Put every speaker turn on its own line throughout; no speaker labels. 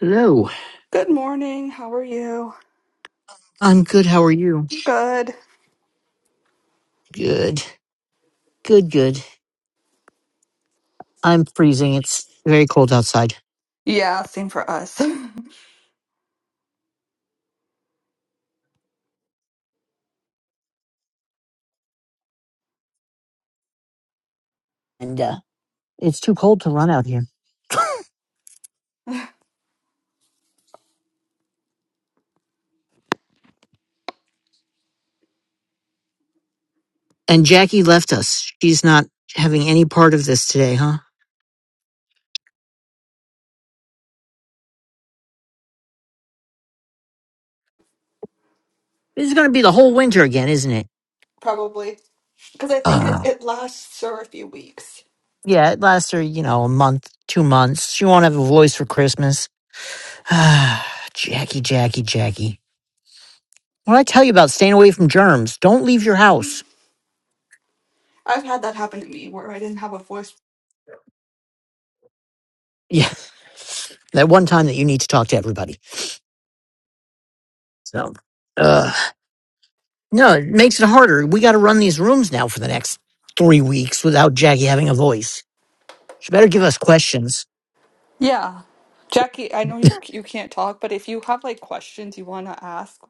Hello.
Good morning. How are you?
I'm good. How are you?
I'm good.
Good. Good, good. I'm freezing. It's very cold outside.
Yeah, same for us.
And uh, it's too cold to run out here. And Jackie left us. She's not having any part of this today, huh? This is going to be the whole winter again, isn't it?
Probably. Because I think it,
Uh,
it lasts for a few weeks.
yeah, it lasts her, you know, a month, two months. She won't have a voice for Christmas. Ah, Jackie, Jackie, Jackie. What I tell you about staying away from germs, don't leave your house.
I've had that happen to me where I didn't have a voice.
that one time that you need to talk to everybody. So, uh, no, it makes it harder. We got to run these rooms now for the next three weeks without Jackie having a voice. She better give us questions.
Yeah. Jackie, I know you you can't talk, but if you have like questions you want to ask,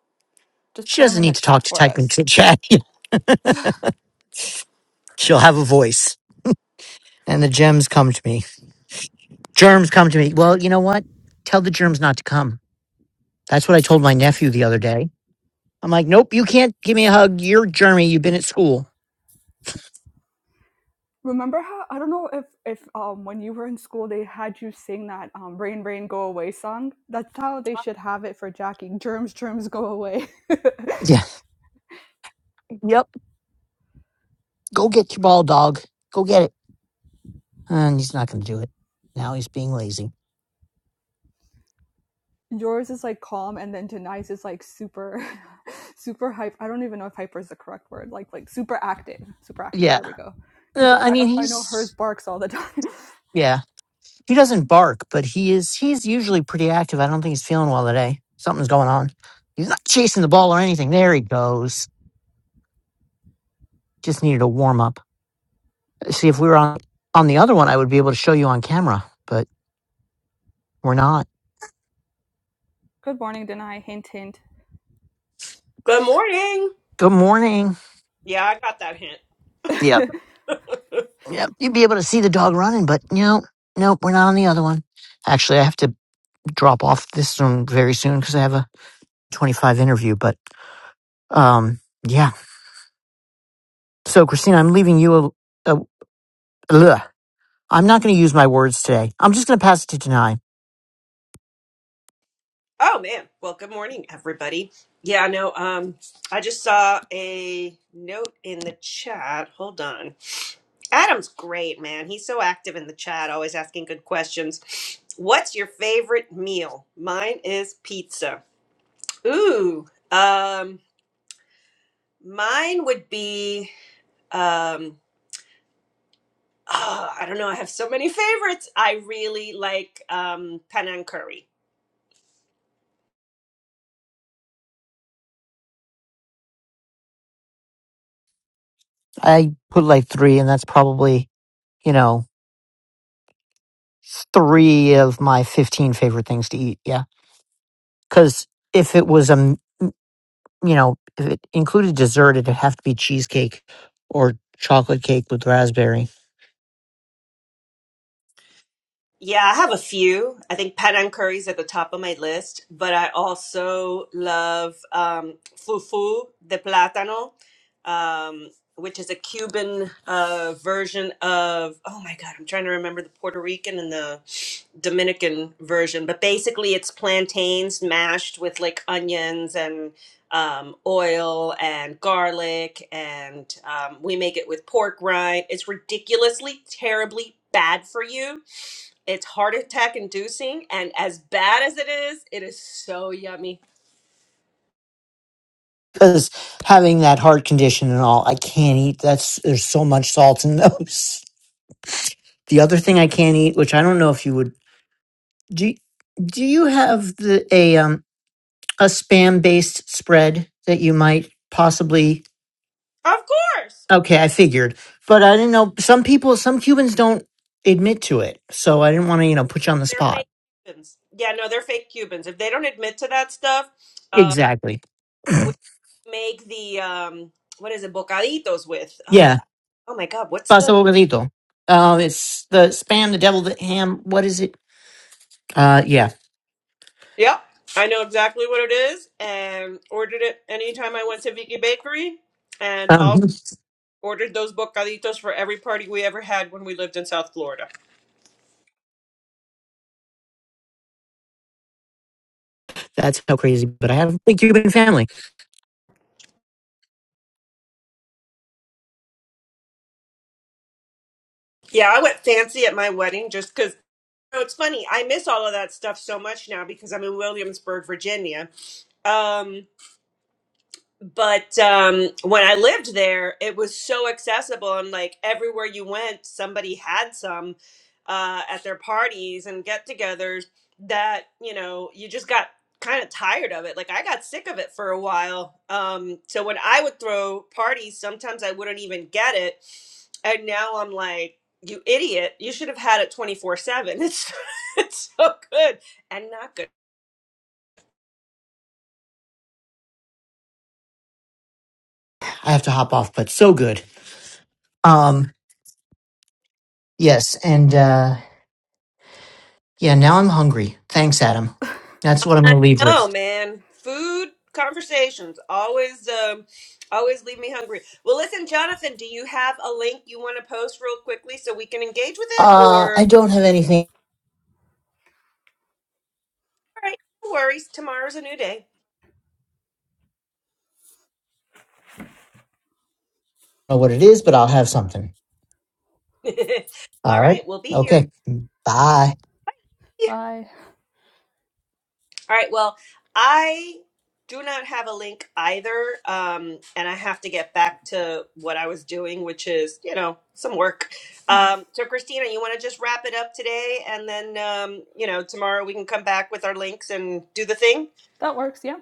just
She
put them
doesn't
in the
need to talk
chat
to
for
type
us.
into chat. She'll have a voice. And the gems come to me. Germs come to me. Well, you know what? Tell the germs not to come. That's what I told my nephew the other day. I'm like, nope, you can't give me a hug. You're germy. You've been at school.
Remember how I don't know if if um when you were in school they had you sing that um rain rain go away song. That's how they should have it for Jackie. Germs germs go away.
Yeah. Yep. Go get your ball, dog. Go get it. And he's not going to do it. Now he's being lazy.
yours is like calm and then Denise is like super super hype i don't even know if hyper is the correct word like like super active super active
Yeah.
there we go because
No, I
I,
mean
I know hers
he's
barks all the time
yeah. He doesn't bark, but he is he's usually pretty active. I don't think he's feeling well today. Something's going on. He's not chasing the ball or anything. There he goes. Just needed a warm up. Uh, See if we were on on the other one I would be able to show you on camera, but we're not.
good morning Denai. hint hint
Good morning.
Good morning.
Yeah, I got that hint.
Yep. Yep. You'd be able to see the dog running, but no, nope, we're not on the other one. Actually I have to drop off this one very soon because I have a twenty five interview, but um yeah. So Christina, I'm leaving you a, Ugh. I'm not going to use my words today. I'm just going to pass it to Denai.
Oh man. Well, good morning, everybody. Yeah, no, um, I just saw a note in the chat. Hold on. Adam's great, man. He's so active in the chat, always asking good questions. What's your favorite meal? Mine is pizza. Ooh. Um, mine would be um oh, I don't know. I have so many favorites. I really like um Penang curry.
I put like three, and that's probably, you know, three of my 15 favorite things to eat. Yeah. Because if it was, um, you know, if it included dessert, it'd have to be cheesecake or chocolate cake with raspberry.
Yeah, I have a few. I think Padang curry is at the top of my list, but I also love um, fufu de plátano, um, which is a Cuban uh, version of, oh my God, I'm trying to remember the Puerto Rican and the Dominican version, but basically it's plantains mashed with like onions and um, oil and garlic, and um, we make it with pork rind. It's ridiculously, terribly bad for you it's heart attack inducing, and as bad as it is, it is so yummy.
Because having that heart condition and all, I can't eat. That's, there's so much salt in those. The other thing I can't eat, which I don't know if you would, do, do you have the, a, um, a spam based spread that you might possibly
Of course,
okay i figured but i didn't know some people some cubans don't admit to it so i didn't want to you know put you on the
they're fake
spot
Cubans. Yeah, no, they're fake Cubans. If they don't admit to that stuff, uh,
exactly
we make the um, what is it, bocaditos with? Uh,
yeah
oh my God, what's
pasta
the?
bocadito um it's the spam the devil the ham what is it uh yeah
Yep, I know exactly what it is, and ordered it anytime I went to Vicky Bakery, and also
um,
ordered those bocaditos for every party we ever had when we lived in South Florida.
that's how crazy but i have a big cuban family
Yeah, I went fancy at my wedding just 'cause know, it's funny. I miss all of that stuff so much now because I'm in Williamsburg, Virginia. Um, but um, when I lived there, it was so accessible, and like everywhere you went, somebody had some uh, at their parties and get-togethers. That you know, you just got kind of tired of it. Like I got sick of it for a while. Um, so when I would throw parties, sometimes I wouldn't even get it, and now I'm like, "You idiot! You should have had it 24/7. It's it's so good and not good."
i have to hop off but so good um yes and uh yeah now i'm hungry thanks adam that's what i'm
I
gonna leave
know,
with
man. Food conversations always um always leave me hungry. Well, listen, Jonathan, do you have a link you want to post real quickly so we can engage with it
uh
or
i don't have anything
all right, no worries, tomorrow's a new day.
know what it is, but I'll have something.
all
All right.
right, we'll be here.
Okay. Bye.
bye
All right. Well, I do not have a link either. Um, and I have to get back to what I was doing, which is, you know, some work. Um, so, Christina, you want to just wrap it up today? And then, um, you know, tomorrow we can come back with our links and do the thing.
that works yeah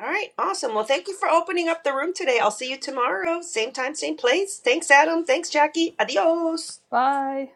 All right. Awesome. Well, thank you for opening up the room today. I'll see you tomorrow. Same time, same place. Thanks, Adam. Thanks, Jackie. Adios.
bye